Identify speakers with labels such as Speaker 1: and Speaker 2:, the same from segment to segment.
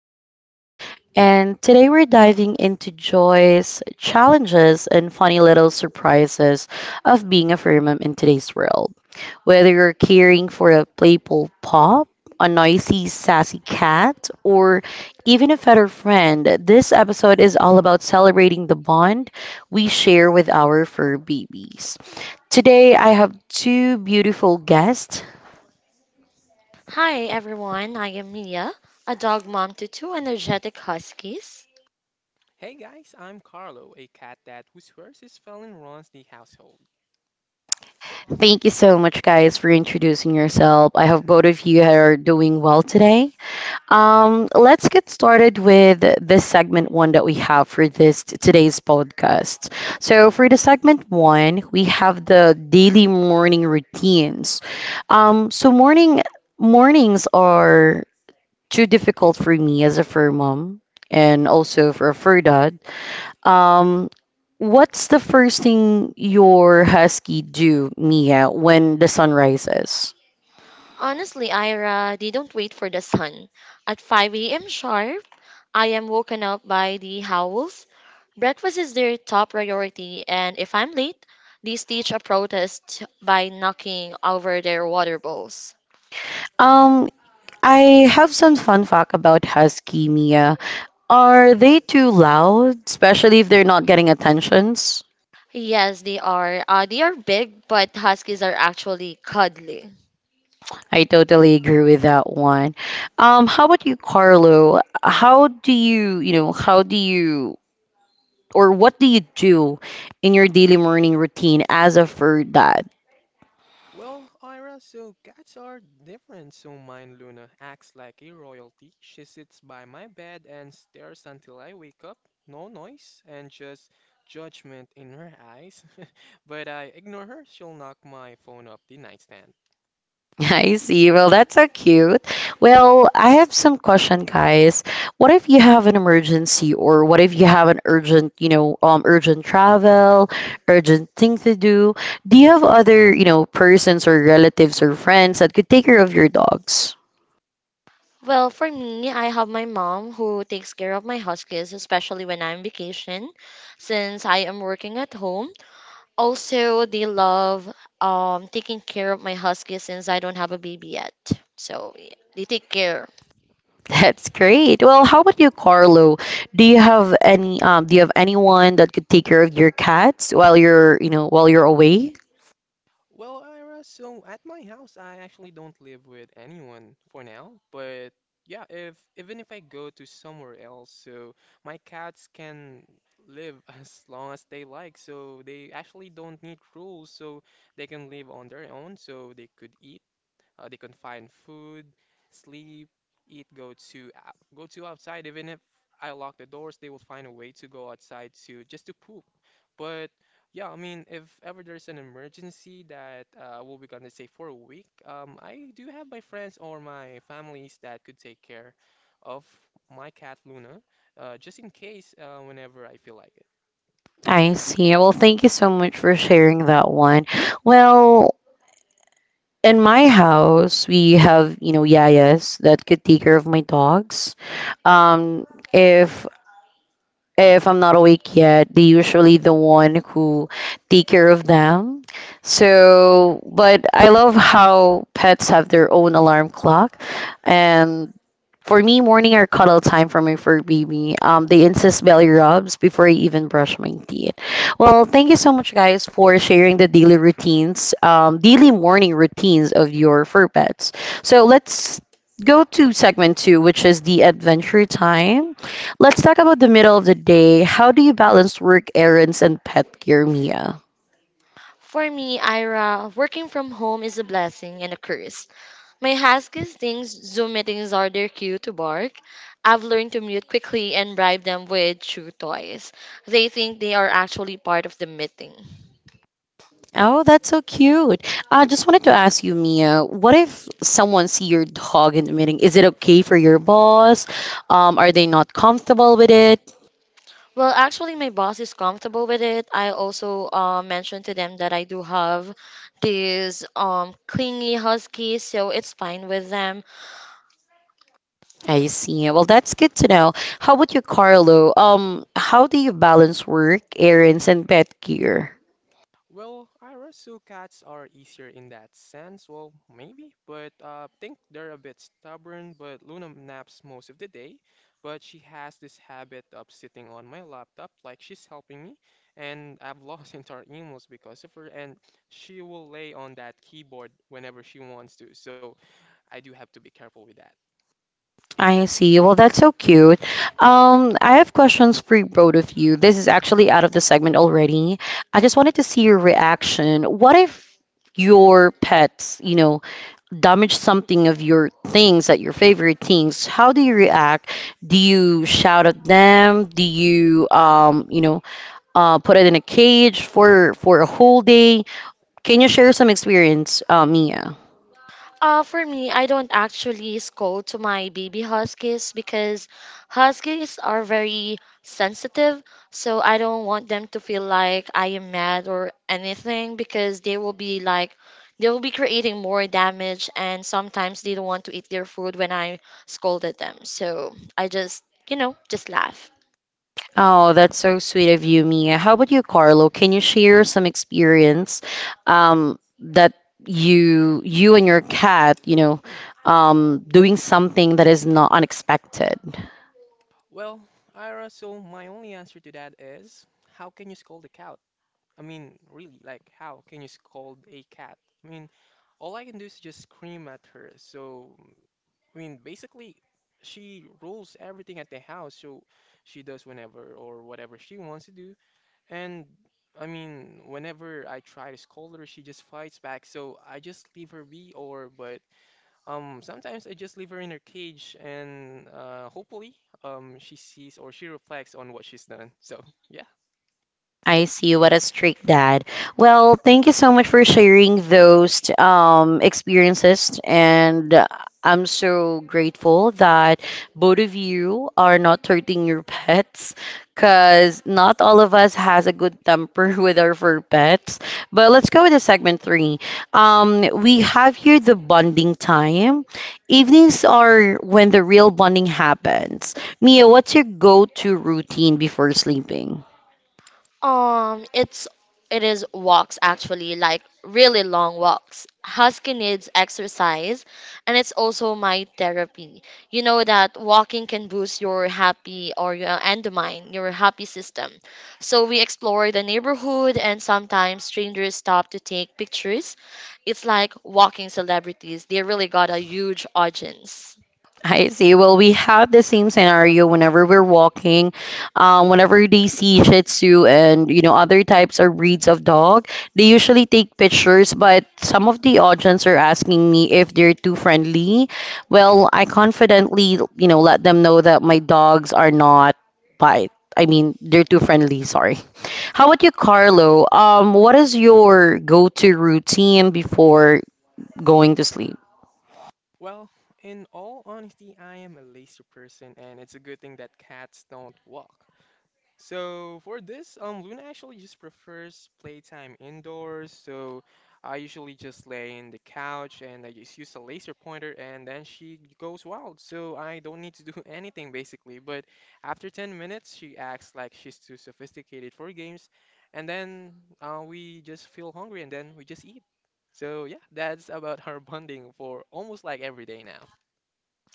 Speaker 1: Ira, and today we're diving into joys, challenges, and funny little surprises of being a Firmum in today's world. Whether you're caring for a playful pup, a noisy, sassy cat, or even a fetter friend, this episode is all about celebrating the bond we share with our fur babies. Today I have two beautiful guests.
Speaker 2: Hi everyone, I am Mia, a dog mom to two energetic huskies.
Speaker 3: Hey guys, I'm Carlo, a cat dad who swears his felon runs the household.
Speaker 1: Thank you so much, guys, for introducing yourself. I hope both of you are doing well today. Let's get started with this segment one that we have for this today's podcast. So for the segment one, we have the daily morning routines. Um, so morning mornings are too difficult for me as a fur mom and also for a fur dad. Um, what's the first thing your husky do, Mia, when the sun rises?
Speaker 2: Honestly, Ira, they don't wait for the sun. At 5 a.m. sharp, I am woken up by the howls. Breakfast is their top priority, and if I'm late, they stage a protest by knocking over their water bowls.
Speaker 1: Um, I have some fun fact about husky, Mia. Are they too loud, especially if they're not getting attentions?
Speaker 2: Yes, they are. They are big, but huskies are actually cuddly.
Speaker 1: I totally agree with that one. How about you, Carlo? How do you, or what do you do in your daily morning routine as a fur dad?
Speaker 3: Well, Ira, so cats are different, so mine Luna acts like a royalty. She sits by my bed and stares until I wake up, no noise, and just judgment in her eyes. But I ignore her, she'll knock my phone off the nightstand.
Speaker 1: I see. Well, that's so cute. Well, I have some question, guys. What if you have an emergency, or what if you have an urgent, you know, urgent travel, urgent thing to do? Do you have other, you know, persons or relatives or friends that could take care of your dogs?
Speaker 2: Well, for me, I have my mom who takes care of my house kids, especially when I'm vacation, since I am working at home. Also, they love taking care of my house kids since I don't have a baby yet. So yeah, they take care.
Speaker 1: That's great. Well, how about you, Carlo? Do you have any, do you have anyone that could take care of your cats while you're away?
Speaker 3: Well, Ira, so at my house, I actually don't live with anyone for now, but yeah, if even if I go to somewhere else, so my cats can live as long as they like, so they actually don't need rules, so they can live on their own, so they could eat. They can find food, sleep, eat, go to outside. Even if I lock the doors, they will find a way to go outside to just to poop. But yeah, I mean, if ever there's an emergency that we'll be gonna say for a week, I do have my friends or my families that could take care of my cat Luna, just in case whenever I feel like it.
Speaker 1: I see. Well, thank you so much for sharing that one. Well, in my house we have you know yayas that could take care of my dogs um if if I'm not awake yet, they usually the one who take care of them. So, but I love how pets have their own alarm clock, and for me, morning are cuddle time for my fur baby. They insist belly rubs before I even brush my teeth. Well, thank you so much, guys, for sharing the daily routines, daily morning routines of your fur pets. So let's go to segment two, which is the adventure time. Let's talk about the middle of the day. How do you balance work errands and pet care, Mia?
Speaker 2: For me, Ira, working from home is a blessing and a curse. My huskies thinks Zoom meetings are their cue to bark. I've learned to mute quickly and bribe them with chew toys. They think they are actually part of the meeting.
Speaker 1: Oh, that's so cute. I just wanted to ask you, Mia, what if someone see your dog in the meeting? Is it okay for your boss? Are they not comfortable with it?
Speaker 2: Well, actually, my boss is comfortable with it. I also mentioned to them that I do have these clingy huskies, so it's fine with them.
Speaker 1: I see. Well, that's good to know. How about you, Carlo? How do you balance work, errands, and pet care?
Speaker 3: Well, I wrestle cats are easier in that sense, well, maybe, but think they're a bit stubborn, but Luna naps most of the day, but she has this habit of sitting on my laptop like she's helping me, and I've lost entire emails because of her, and she will lay on that keyboard whenever she wants to, so I do have to be careful with that.
Speaker 1: I see. Well, that's so cute. I have questions for both of you. This is actually out of the segment already. I just wanted to see your reaction. What if your pets, you know, damage something of your things, that your favorite things? How do you react? Do you shout at them? Do you, you know, put it in a cage for a whole day? Can you share some experience, Mia?
Speaker 2: For me, I don't actually scold to my baby huskies because huskies are very sensitive. So I don't want them to feel like I am mad or anything because they will be like, they will be creating more damage and sometimes they don't want to eat their food when I scolded them. So I just, you know, just laugh.
Speaker 1: Oh, that's so sweet of you, Mia. How about you, Carlo? Can you share some experience that you and your cat, you know, doing something that is not unexpected?
Speaker 3: Well, Ira, so my only answer to that is, how can you scold a cat? I mean, really, like, how can you scold a cat? I mean, all I can do is just scream at her. So, I mean, basically, she rules everything at the house. So, she does whenever or whatever she wants to do. And, I mean, whenever I try to scold her, she just fights back. So, I just leave her be, or, but, sometimes I just leave her in her cage, and, hopefully, she sees or she reflects on what she's done. So, yeah.
Speaker 1: I see. What a strict dad. Well, thank you so much for sharing those experiences. And I'm so grateful that both of you are not hurting your pets because not all of us has a good temper with our fur pets. But let's go with the segment three. We have here the bonding time. Evenings are when the real bonding happens. Mia, what's your go-to routine before sleeping?
Speaker 2: Um, it's it is walks actually, like really long walks. Husky needs exercise, and it's also my therapy. You know that walking can boost your happy or your endorphin, your happy system. So we explore the neighborhood, and sometimes strangers stop to take pictures. It's like walking celebrities. They really got a huge audience.
Speaker 1: I see. Well, we have the same scenario whenever we're walking. Whenever they see Shih Tzu and you know other types or breeds of dog, they usually take pictures. But some of the audience are asking me if they're too friendly. Well, I confidently you know let them know that my dogs are not bite. I mean, they're too friendly. Sorry. How about you, Carlo? What is your go-to routine before going to sleep?
Speaker 3: Well, in all honesty, I am a lazy person, and it's a good thing that cats don't walk. So for this, Luna actually just prefers playtime indoors. So I usually just lay in the couch and I just use a laser pointer, and then she goes wild. So I don't need to do anything basically. But after 10 minutes, she acts like she's too sophisticated for games, and then we just feel hungry, and then we just eat. So yeah, that's about our bonding for almost like every day now.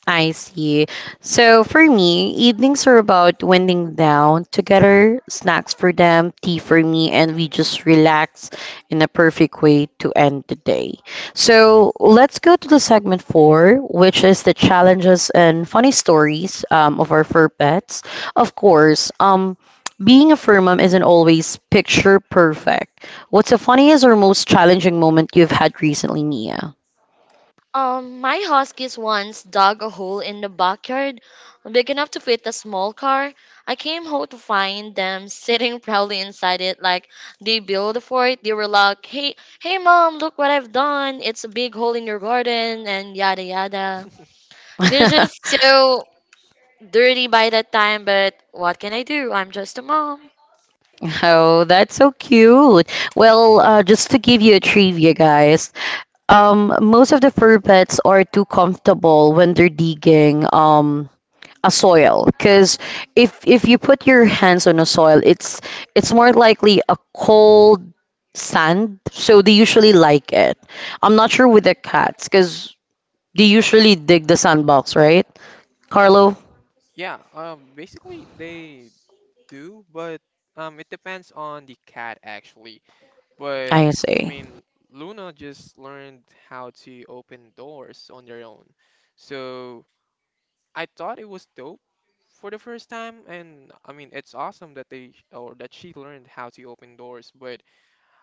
Speaker 1: I see. So for me, evenings are about winding down together, snacks for them, tea for me, and we just relax in a perfect way to end the day. So let's go to the segment four, which is the challenges and funny stories of our fur pets. Of course, being a fur mom isn't always picture perfect. What's the funniest or most challenging moment you've had recently, Mia?
Speaker 2: My huskies once dug a hole in the backyard big enough to fit a small car. I came home to find them sitting proudly inside it like they built a fort. They were like, hey, mom, look what I've done. It's a big hole in your garden and yada yada. They're just so dirty by that time, but what can I do? I'm just a mom.
Speaker 1: Oh, that's so cute. Well, just to give you a trivia, guys, most of the fur pets are too comfortable when they're digging a soil. Because if you put your hands on a soil, it's more likely a cold sand, so they usually like it. I'm not sure with the cats, because they usually dig the sandbox, right, Carlo?
Speaker 3: Yeah, basically they do, but it depends on the cat actually. But
Speaker 1: I
Speaker 3: I
Speaker 1: see.
Speaker 3: mean, Luna just learned how to open doors on their own. So I thought it was dope for the first time, and I mean, it's awesome that they or that she learned how to open doors, but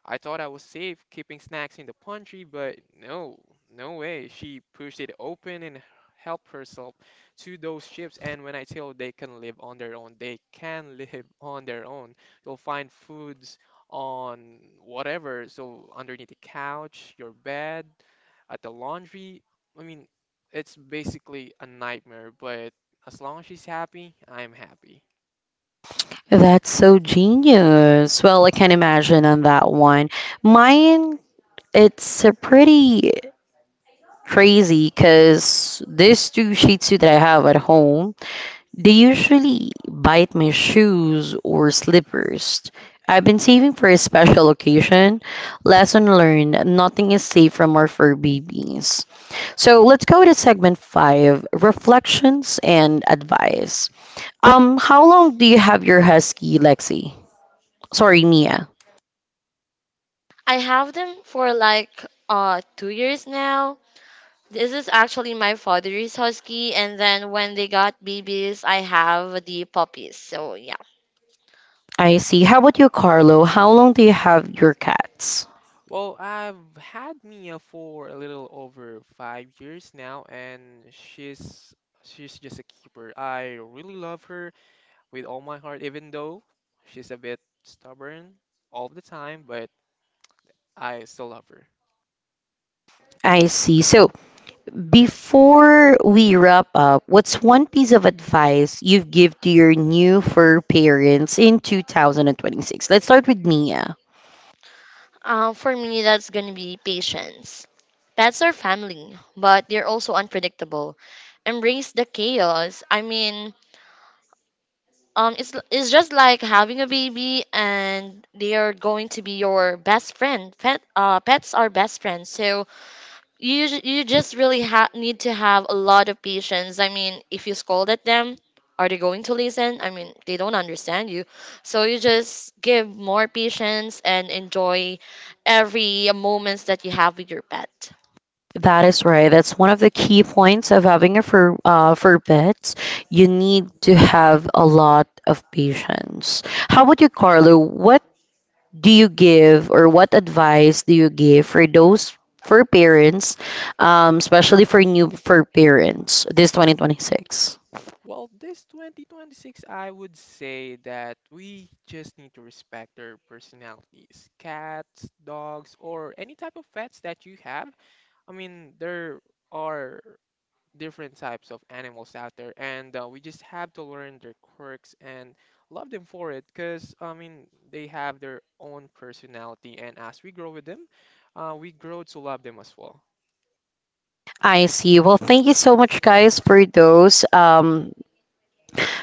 Speaker 3: I thought I was safe keeping snacks in the pantry, but no, no way. She pushed it open and helped herself to those chips. And when I tell they can live on their own, they can live on their own. You'll find foods on whatever, so underneath the couch, your bed, at the laundry. I mean, it's basically a nightmare, but as long as she's happy, I'm happy.
Speaker 1: That's so genius. Well, I can imagine on that one. Mine, it's a pretty crazy because these two Shih Tzu that I have at home, they usually bite my shoes or slippers. I've been saving for a special occasion. Lesson learned, nothing is safe from our fur babies. So let's go to segment five, reflections and advice. How long do you have your husky, Lexi? Sorry, Mia.
Speaker 2: I have them for like 2 years now. This is actually my father's husky, and then when they got babies, I have the puppies. So yeah,
Speaker 1: I see. How about you, Carlo? How long do you have your cats?
Speaker 3: Well, I've had Mia for a little over 5 years now, and she's she's just a keeper. I really love her with all my heart, even though she's a bit stubborn all the time, but I still love her.
Speaker 1: I see. So, before we wrap up, what's one piece of advice you've give to your new fur parents in 2026? Let's start with Mia.
Speaker 2: For me, that's gonna be patience. Pets are family, but they're also unpredictable. Embrace the chaos. I mean, It's just like having a baby, and they are going to be your best friend. Pets are best friends. So you just really need to have a lot of patience. I mean, if you scold at them, are they going to listen? I mean, they don't understand you. So you just give more patience and enjoy every moments that you have with your pet.
Speaker 1: That is right. That's one of the key points of having a fur fur pets. You need to have a lot of patience. How about you, Carlo? What do you give or what advice do you give for those for parents, especially for new for parents this 2026?
Speaker 3: Well, this 2026, I would say that we just need to respect their personalities. Cats, dogs, or any type of pets that you have. I mean, there are different types of animals out there, and we just have to learn their quirks and love them for it because I mean they have their own personality, and as we grow with them, we grow to love them as well.
Speaker 1: I see. Well, thank you so much, guys, for those.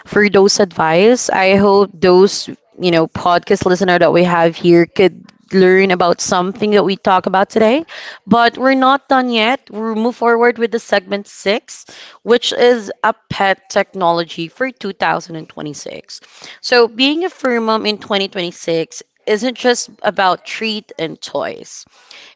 Speaker 1: For those advice. I hope those, you know, podcast listener that we have here could learn about something that we talk about today. But we're not done yet. We'll move forward with the segment six, which is a pet technology for 2026. So being a fur mom in 2026 isn't just about treat and toys.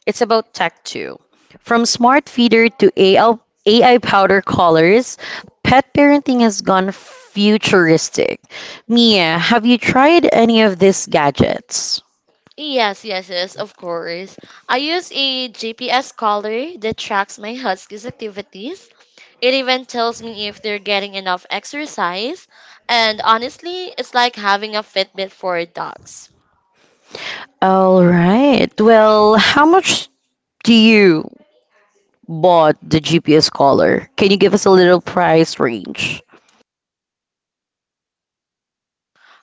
Speaker 1: It's about tech too. From smart feeder to AI powder colors, pet parenting has gone futuristic. Mia, have you tried any of these gadgets?
Speaker 2: Yes, yes, yes, of course. I use a GPS collar that tracks my husky's activities. It even tells me if they're getting enough exercise. And honestly, it's like having a Fitbit for dogs.
Speaker 1: All right. Well, how much do you bought the GPS collar? Can you give us a little price range?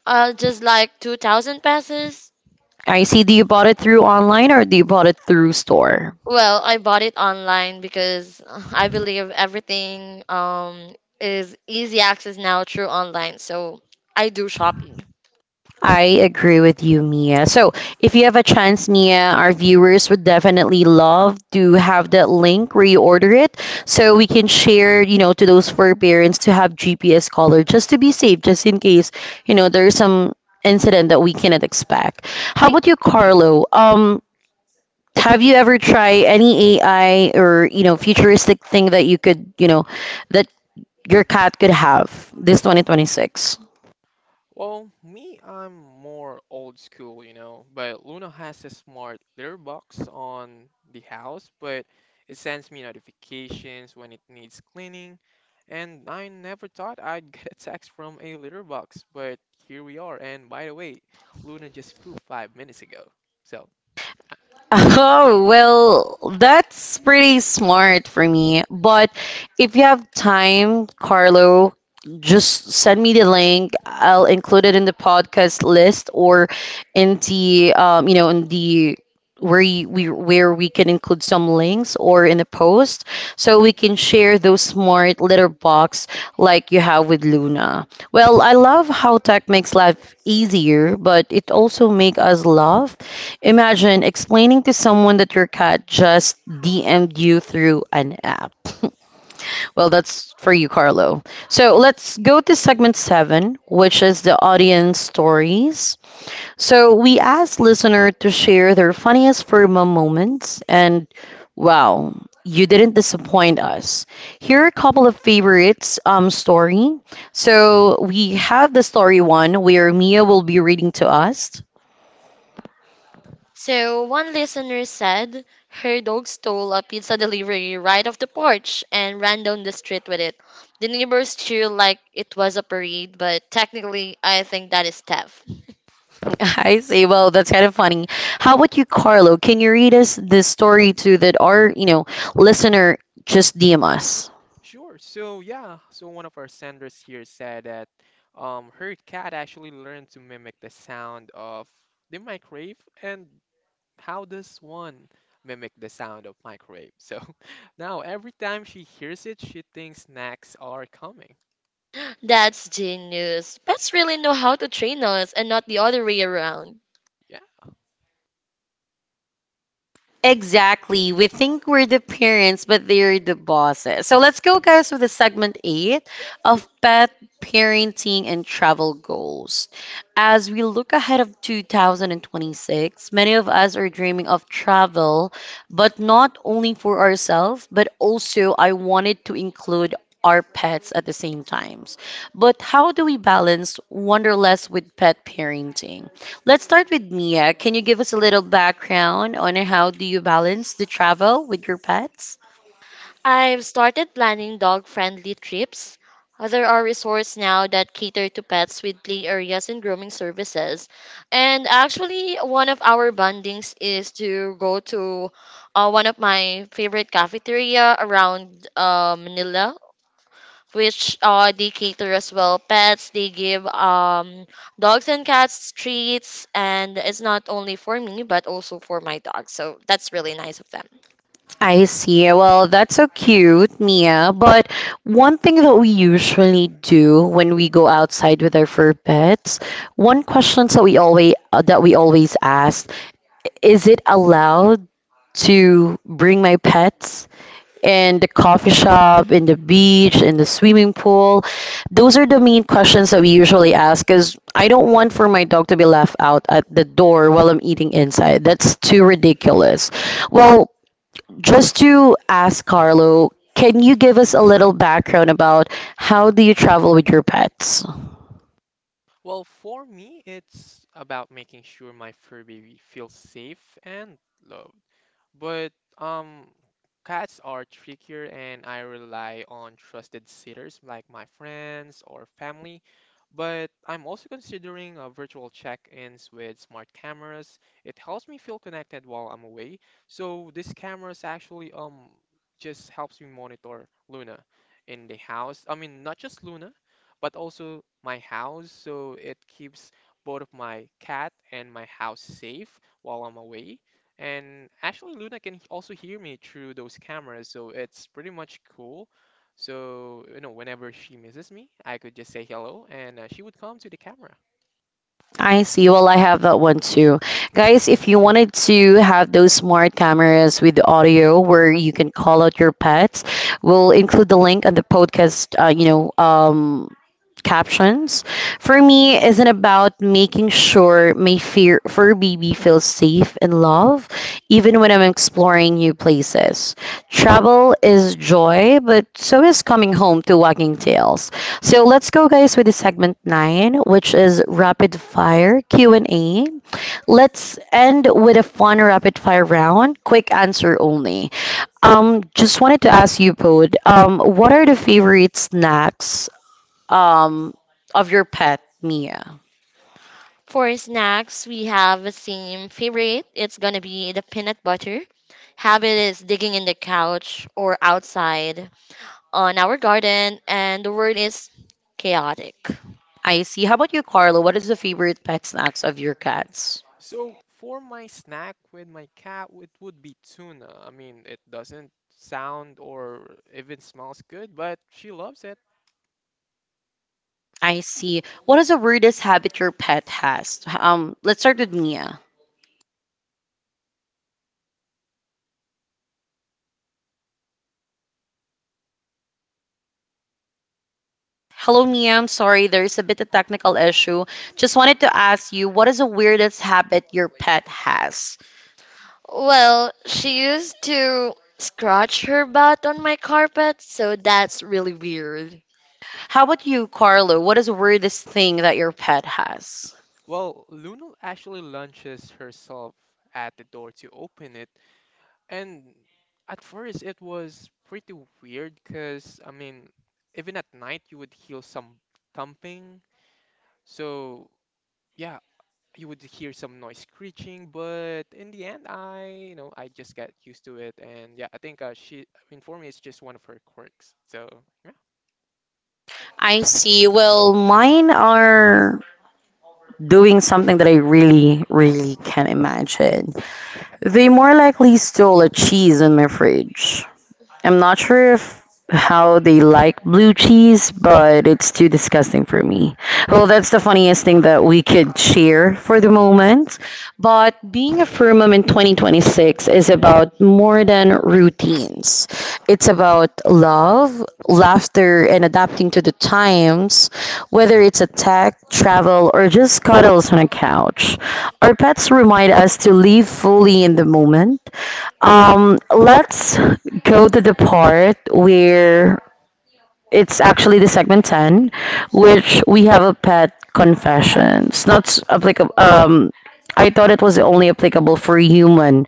Speaker 2: Just like 2,000 pesos.
Speaker 1: I see. Do you bought it through online or do you bought it through store?
Speaker 2: Well, I bought it online because I believe everything is easy access now through online. So I do shopping.
Speaker 1: I agree with you, Mia. So, if you have a chance, Mia, our viewers would definitely love to have that link where you order it so we can share, you know, to those fur parents to have GPS caller just to be safe, just in case, you know, there's some incident that we cannot expect. How
Speaker 2: I
Speaker 1: about you, Carlo? Have you ever tried any AI or, you know, futuristic thing that you could, you know, that your cat could have this 2026?
Speaker 3: Well, me, I'm more old school, you know, but Luna has a smart litter box on the house, but it sends me notifications when it needs cleaning, and I never thought I'd get a text from a litter box, but here we are. And by the way, Luna just pooped 5 minutes ago. So, uh,
Speaker 1: Oh, well, that's pretty smart for me. But if you have time, Carlo, just send me the link. I'll include it in the podcast list or in the you know, in the where you, we where we can include some links or in a post so we can share those smart litter box like you have with Luna. Well, I love how tech makes life easier, but it also make us laugh. Imagine explaining to someone that your cat just DM'd you through an app. Well, that's for you, Carlo. So let's go to segment seven, which is the audience stories. So we asked listener to share their funniest Firma moments, and wow, you didn't disappoint us. Here are a couple of favorites story. So we have the story one where Mia will be reading to us.
Speaker 2: So one listener said her dog stole a pizza delivery right off the porch and ran down the street with it. The neighbors cheered like it was a parade, but technically I think that is theft.
Speaker 1: I say, well, that's kind of funny. How about you, Carlo? Can you read us this story too that our you know listener just DM us?
Speaker 3: sure. So, yeah, so one of our senders here said that her cat actually learned to mimic the sound of the microwave, and how does one mimic the sound of microwave? So now every time she hears it, she thinks snacks are coming.
Speaker 2: That's genius. Pets really know how to train us and not the other way around.
Speaker 1: Exactly. We think we're the parents, but they're the bosses. So let's go, guys, with the segment eight of pet parenting and travel goals. As we look ahead of 2026, many of us are dreaming of travel, but not only for ourselves, but also I wanted to include our pets at the same times. But how do we balance wanderlust with pet parenting? Let's start with Mia. Can you give us a little background on how do you balance the travel with your pets?
Speaker 2: I've started planning dog friendly trips. There are resorts now that cater to pets with play areas and grooming services. And actually, one of our bondings is to go to one of my favorite cafeteria around Manila, which they cater as well pets. They give dogs and cats treats, and it's not only for me, but also for my dog. So that's really nice of them.
Speaker 1: I see. Well, that's so cute, Mia. But one thing that we usually do when we go outside with our fur pets, one question that we always ask, is it allowed to bring my pets in the coffee shop, in the beach, in the swimming pool? Those are the main questions that we usually ask because I don't want for my dog to be left out at the door while I'm eating inside. That's too ridiculous. Well, just to ask Carlo, can you give us a little background about how do you travel with your pets?
Speaker 3: Well, for me, it's about making sure my Furby feels safe and loved. But cats are trickier, and I rely on trusted sitters like my friends or family. But I'm also considering virtual check-ins with smart cameras. It helps me feel connected while I'm away. So these cameras actually just helps me monitor Luna in the house. I mean, not just Luna but also my house. So it keeps both of my cat and my house safe while I'm away. And actually, Luna can also hear me through those cameras, so it's pretty much cool. So, you know, whenever she misses me, I could just say hello and she would come to the camera.
Speaker 1: I see. Well, I have that one too. Guys, if you wanted to have those smart cameras with audio where you can call out your pets, we'll include the link on the podcast, captions for me isn't about making sure my fear fur baby feels safe and love even when I'm exploring new places. Travel is joy, but so is coming home to wagging tails. So let's go guys with the segment 9, which is rapid fire Q&A. Let's end with a fun rapid fire round, quick answer only. Just wanted to ask you, Pod, what are the favorite snacks um, of your pet, Mia.
Speaker 2: For snacks, we have a same favorite. It's gonna be the peanut butter. Habit is digging in the couch or outside on our garden, and the word is chaotic.
Speaker 1: I see. How about you, Carlo? What is the favorite pet snacks of your cats?
Speaker 3: So, for my snack with my cat, it would be tuna. I mean, it doesn't sound or even smells good, but she loves it.
Speaker 1: I see. What is the weirdest habit your pet has? Let's start with Mia. Hello, Mia. I'm sorry, there is a bit of technical issue. Just wanted to ask you, what is the weirdest habit your pet has?
Speaker 2: Well, she used to scratch her butt on my carpet, so that's really weird.
Speaker 1: How about you, Carlo? What is the weirdest thing that your pet has?
Speaker 3: Well, Luna actually launches herself at the door to open it, and at first it was pretty weird because, I mean, even at night you would hear some thumping, so yeah, you would hear some noise screeching, but in the end, I, you know, I just got used to it, and yeah, I think she informed me it's just one of her quirks, so yeah.
Speaker 1: I see. Well, mine are doing something that I really, really can't imagine. They more likely stole a cheese in my fridge. I'm not sure if how they like blue cheese, but it's too disgusting for me. Well, that's the funniest thing that we could share for the moment. But being a fur mom in 2026 is about more than routines. It's about love, laughter, and adapting to the times, whether it's a tech, travel, or just cuddles on a couch. Our pets remind us to live fully in the moment. Let's go to the part where it's actually the segment 10, which we have a pet confession. It's not applicable. I thought it was only applicable for human,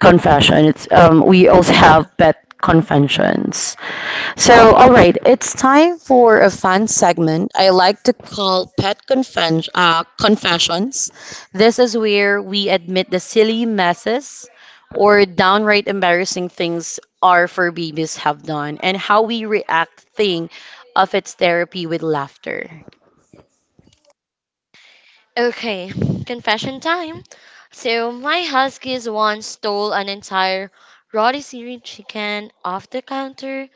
Speaker 1: confession. It's we also have pet conventions. Oh, so, all right, it's time for a fun segment I like to call Pet Confessions. This is where we admit the silly messes or downright embarrassing things our fur babies have done and how we react, think of its therapy with laughter.
Speaker 2: Okay, confession time. So my huskies once stole an entire rotisserie chicken off the counter.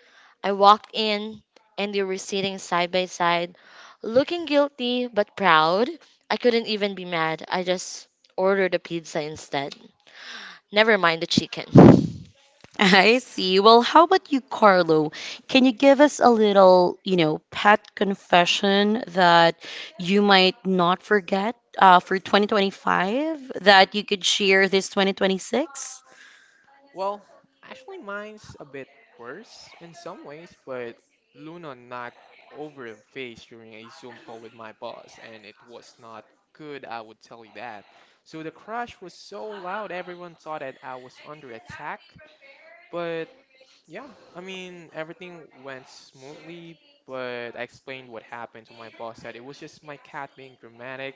Speaker 2: I walked in and they were sitting side by side, looking guilty but proud. I couldn't even be mad. I just ordered a pizza instead. Never mind the chicken.
Speaker 1: I see. Well, how about you, Carlo? Can you give us a little, you know, pet confession that you might not forget for 2025 that you could share this 2026?
Speaker 3: Well, actually, mine's a bit worse in some ways, but Luna knocked over a vase during a Zoom call with my boss, and it was not good, I would tell you that. So the crash was so loud, everyone thought that I was under attack, but yeah, I mean, everything went smoothly, but I explained what happened to my boss that it was just my cat being dramatic.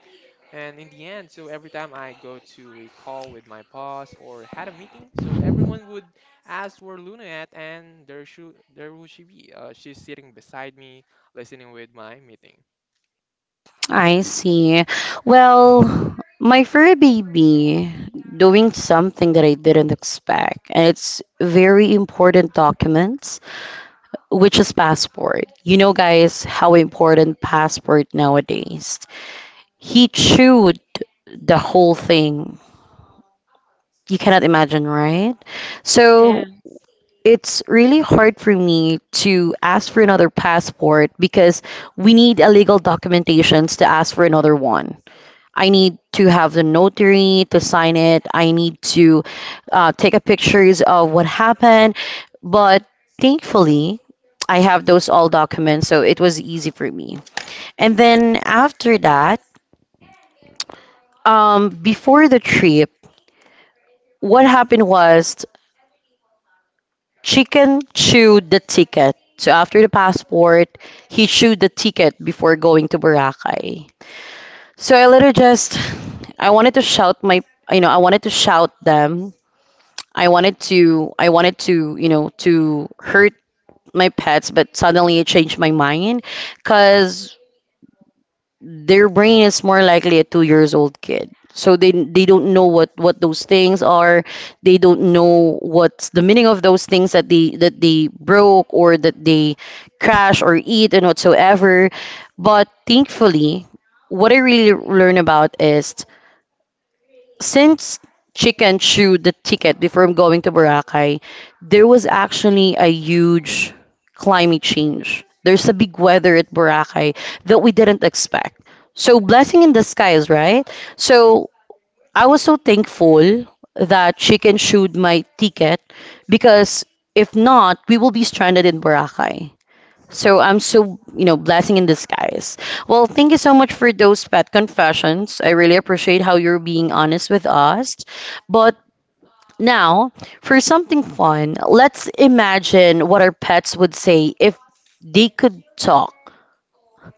Speaker 3: And in the end, so every time I go to a call with my boss or had a meeting, so everyone would ask where Luna at, and there would she be? She's sitting beside me, listening with my meeting.
Speaker 1: I see. Well, my fur baby doing something that I didn't expect, and it's very important documents, which is passport. You know, guys, how important passport nowadays. He chewed the whole thing. You cannot imagine, right?
Speaker 2: Yeah.
Speaker 1: So it's really hard for me to ask for another passport because we need a legal documentations to ask for another one. I need to have the notary to sign it. I need to take a pictures of what happened. But thankfully, I have those all documents, so it was easy for me. And then after that, before the trip, what happened was chicken chewed the ticket. So after the passport, he chewed the ticket before going to Boracay. So I later just I wanted to shout my I wanted to shout them. I wanted to, to hurt my pets, but suddenly I changed my mind cuz their brain is more likely a 2 years old kid, so they don't know what those things are. They don't know what's the meaning of those things that they broke or that they crash or eat and whatsoever. But thankfully, what I really learn about is, since Chicken chewed the ticket before going to Boracay, there was actually a huge climate change. There's a big weather at Boracay that we didn't expect. So, blessing in disguise, right? So, I was so thankful that Chicken chewed my ticket because if not, we will be stranded in Boracay. So I'm so, you know, blessing in disguise. Well, thank you so much for those pet confessions. I really appreciate how you're being honest with us. But now, for something fun, let's imagine what our pets would say if they could talk.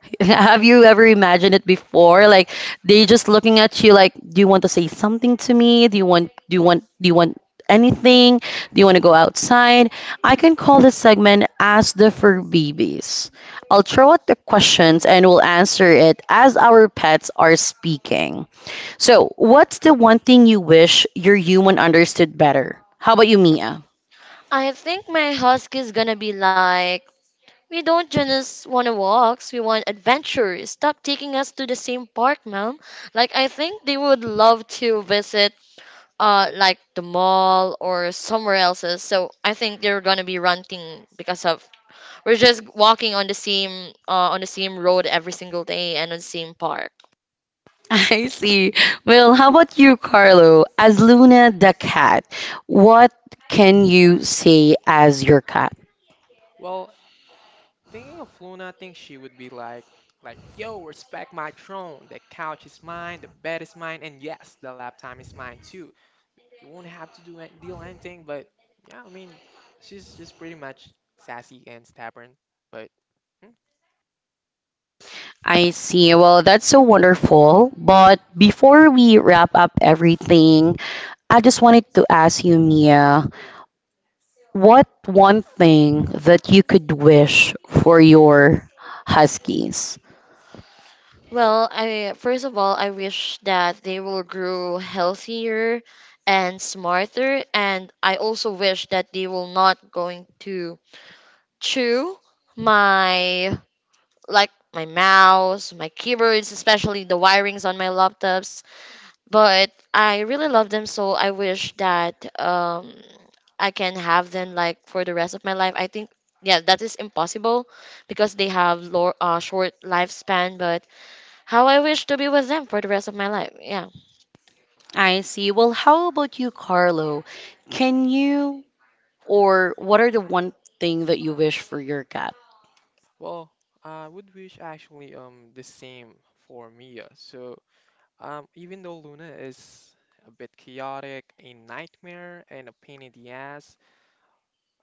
Speaker 1: Have you ever imagined it before? Like they just looking at you like, do you want to say something to me? Do you want do you want do you want anything? Do you want to go outside? I can call this segment Ask the Fur Babies. I'll throw out the questions and we'll answer it as our pets are speaking. So, what's the one thing you wish your human understood better? How about you, Mia?
Speaker 2: I think my husky's gonna be like, we don't just want to walks, we want adventures. Stop taking us to the same park, ma'am. Like I think they would love to visit like the mall or somewhere else. So I think they're gonna be ranting because of we're just walking on the same road every single day and on the same park.
Speaker 1: I see. Well, how about you, Carlo? As Luna the cat, what can you say as your cat?
Speaker 3: Well, thinking of Luna, I think she would be like, yo, respect my throne. The couch is mine, the bed is mine, and yes, the laptop is mine too. You won't have to deal anything. But yeah, I mean, she's just pretty much sassy and stubborn. But hmm.
Speaker 1: I see. Well, that's so wonderful. But before we wrap up everything, I just wanted to ask you, Mia, what one thing that you could wish for your huskies?
Speaker 2: Well, I first of all I wish that they will grow healthier and smarter and I also wish that they will not going to to my like my mouse, my keyboards, especially the wirings on my laptops. But I really love them, so I wish that I can have them like for the rest of my life. I think yeah, that is impossible because they have low, short lifespan. But how I wish to be with them for the rest of my life. Yeah.
Speaker 1: I see. Well, how about you, Carlo? Can you, or what are the one thing that you wish for your cat?
Speaker 3: Well, I would wish actually the same for Mia. So even though Luna is a bit chaotic, a nightmare, and a pain in the ass,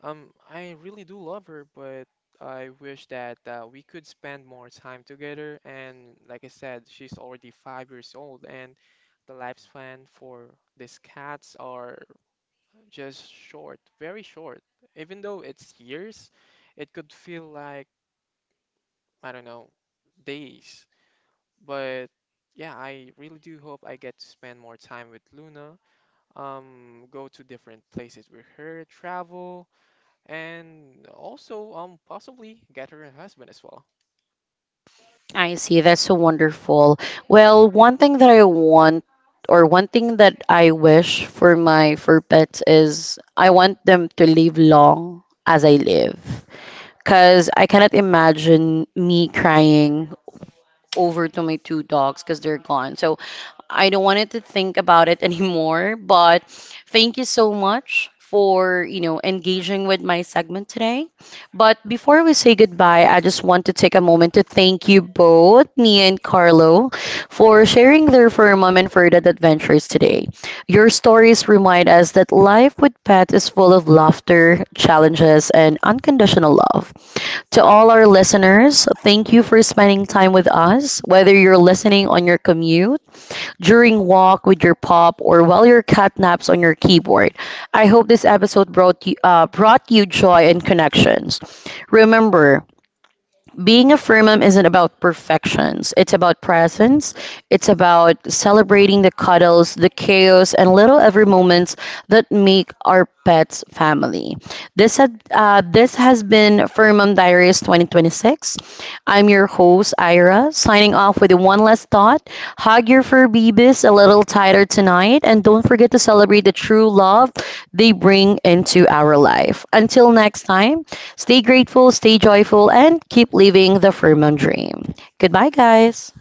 Speaker 3: I really do love her, but I wish that we could spend more time together. And like I said, she's already 5 years old, and the lifespan for these cats are just short, very short. Even though it's years, it could feel like, I don't know, days. But yeah, I really do hope I get to spend more time with Luna, go to different places with her, travel, and also possibly get her a husband as well.
Speaker 1: I see. That's so wonderful. Well, one thing that I want or one thing that I wish for my for pets is I want them to live long as I live. Cause I cannot imagine me crying over to my two dogs because they're gone. So I don't wanted to think about it anymore. But thank you so much for you know engaging with my segment today. But before we say goodbye, I just want to take a moment to thank you both, Nia and Carlo, for sharing their firm and further adventures today. Your stories remind us that life with pets is full of laughter, challenges, and unconditional love. To all our listeners, thank you for spending time with us, whether you're listening on your commute, during walk with your pop, or while your cat naps on your keyboard. I hope this episode brought you joy and connections. Remember, being a free mom isn't about perfections. It's about presence. It's about celebrating the cuddles, the chaos, and little every moments that make our pets family. This has been Fur Mom Diaries 2026. I'm your host Ira, signing off with one last thought. Hug your fur babies a little tighter tonight, and don't forget to celebrate the true love they bring into our life. Until next time. Stay grateful, stay joyful, and keep living the Furman dream. Goodbye, guys.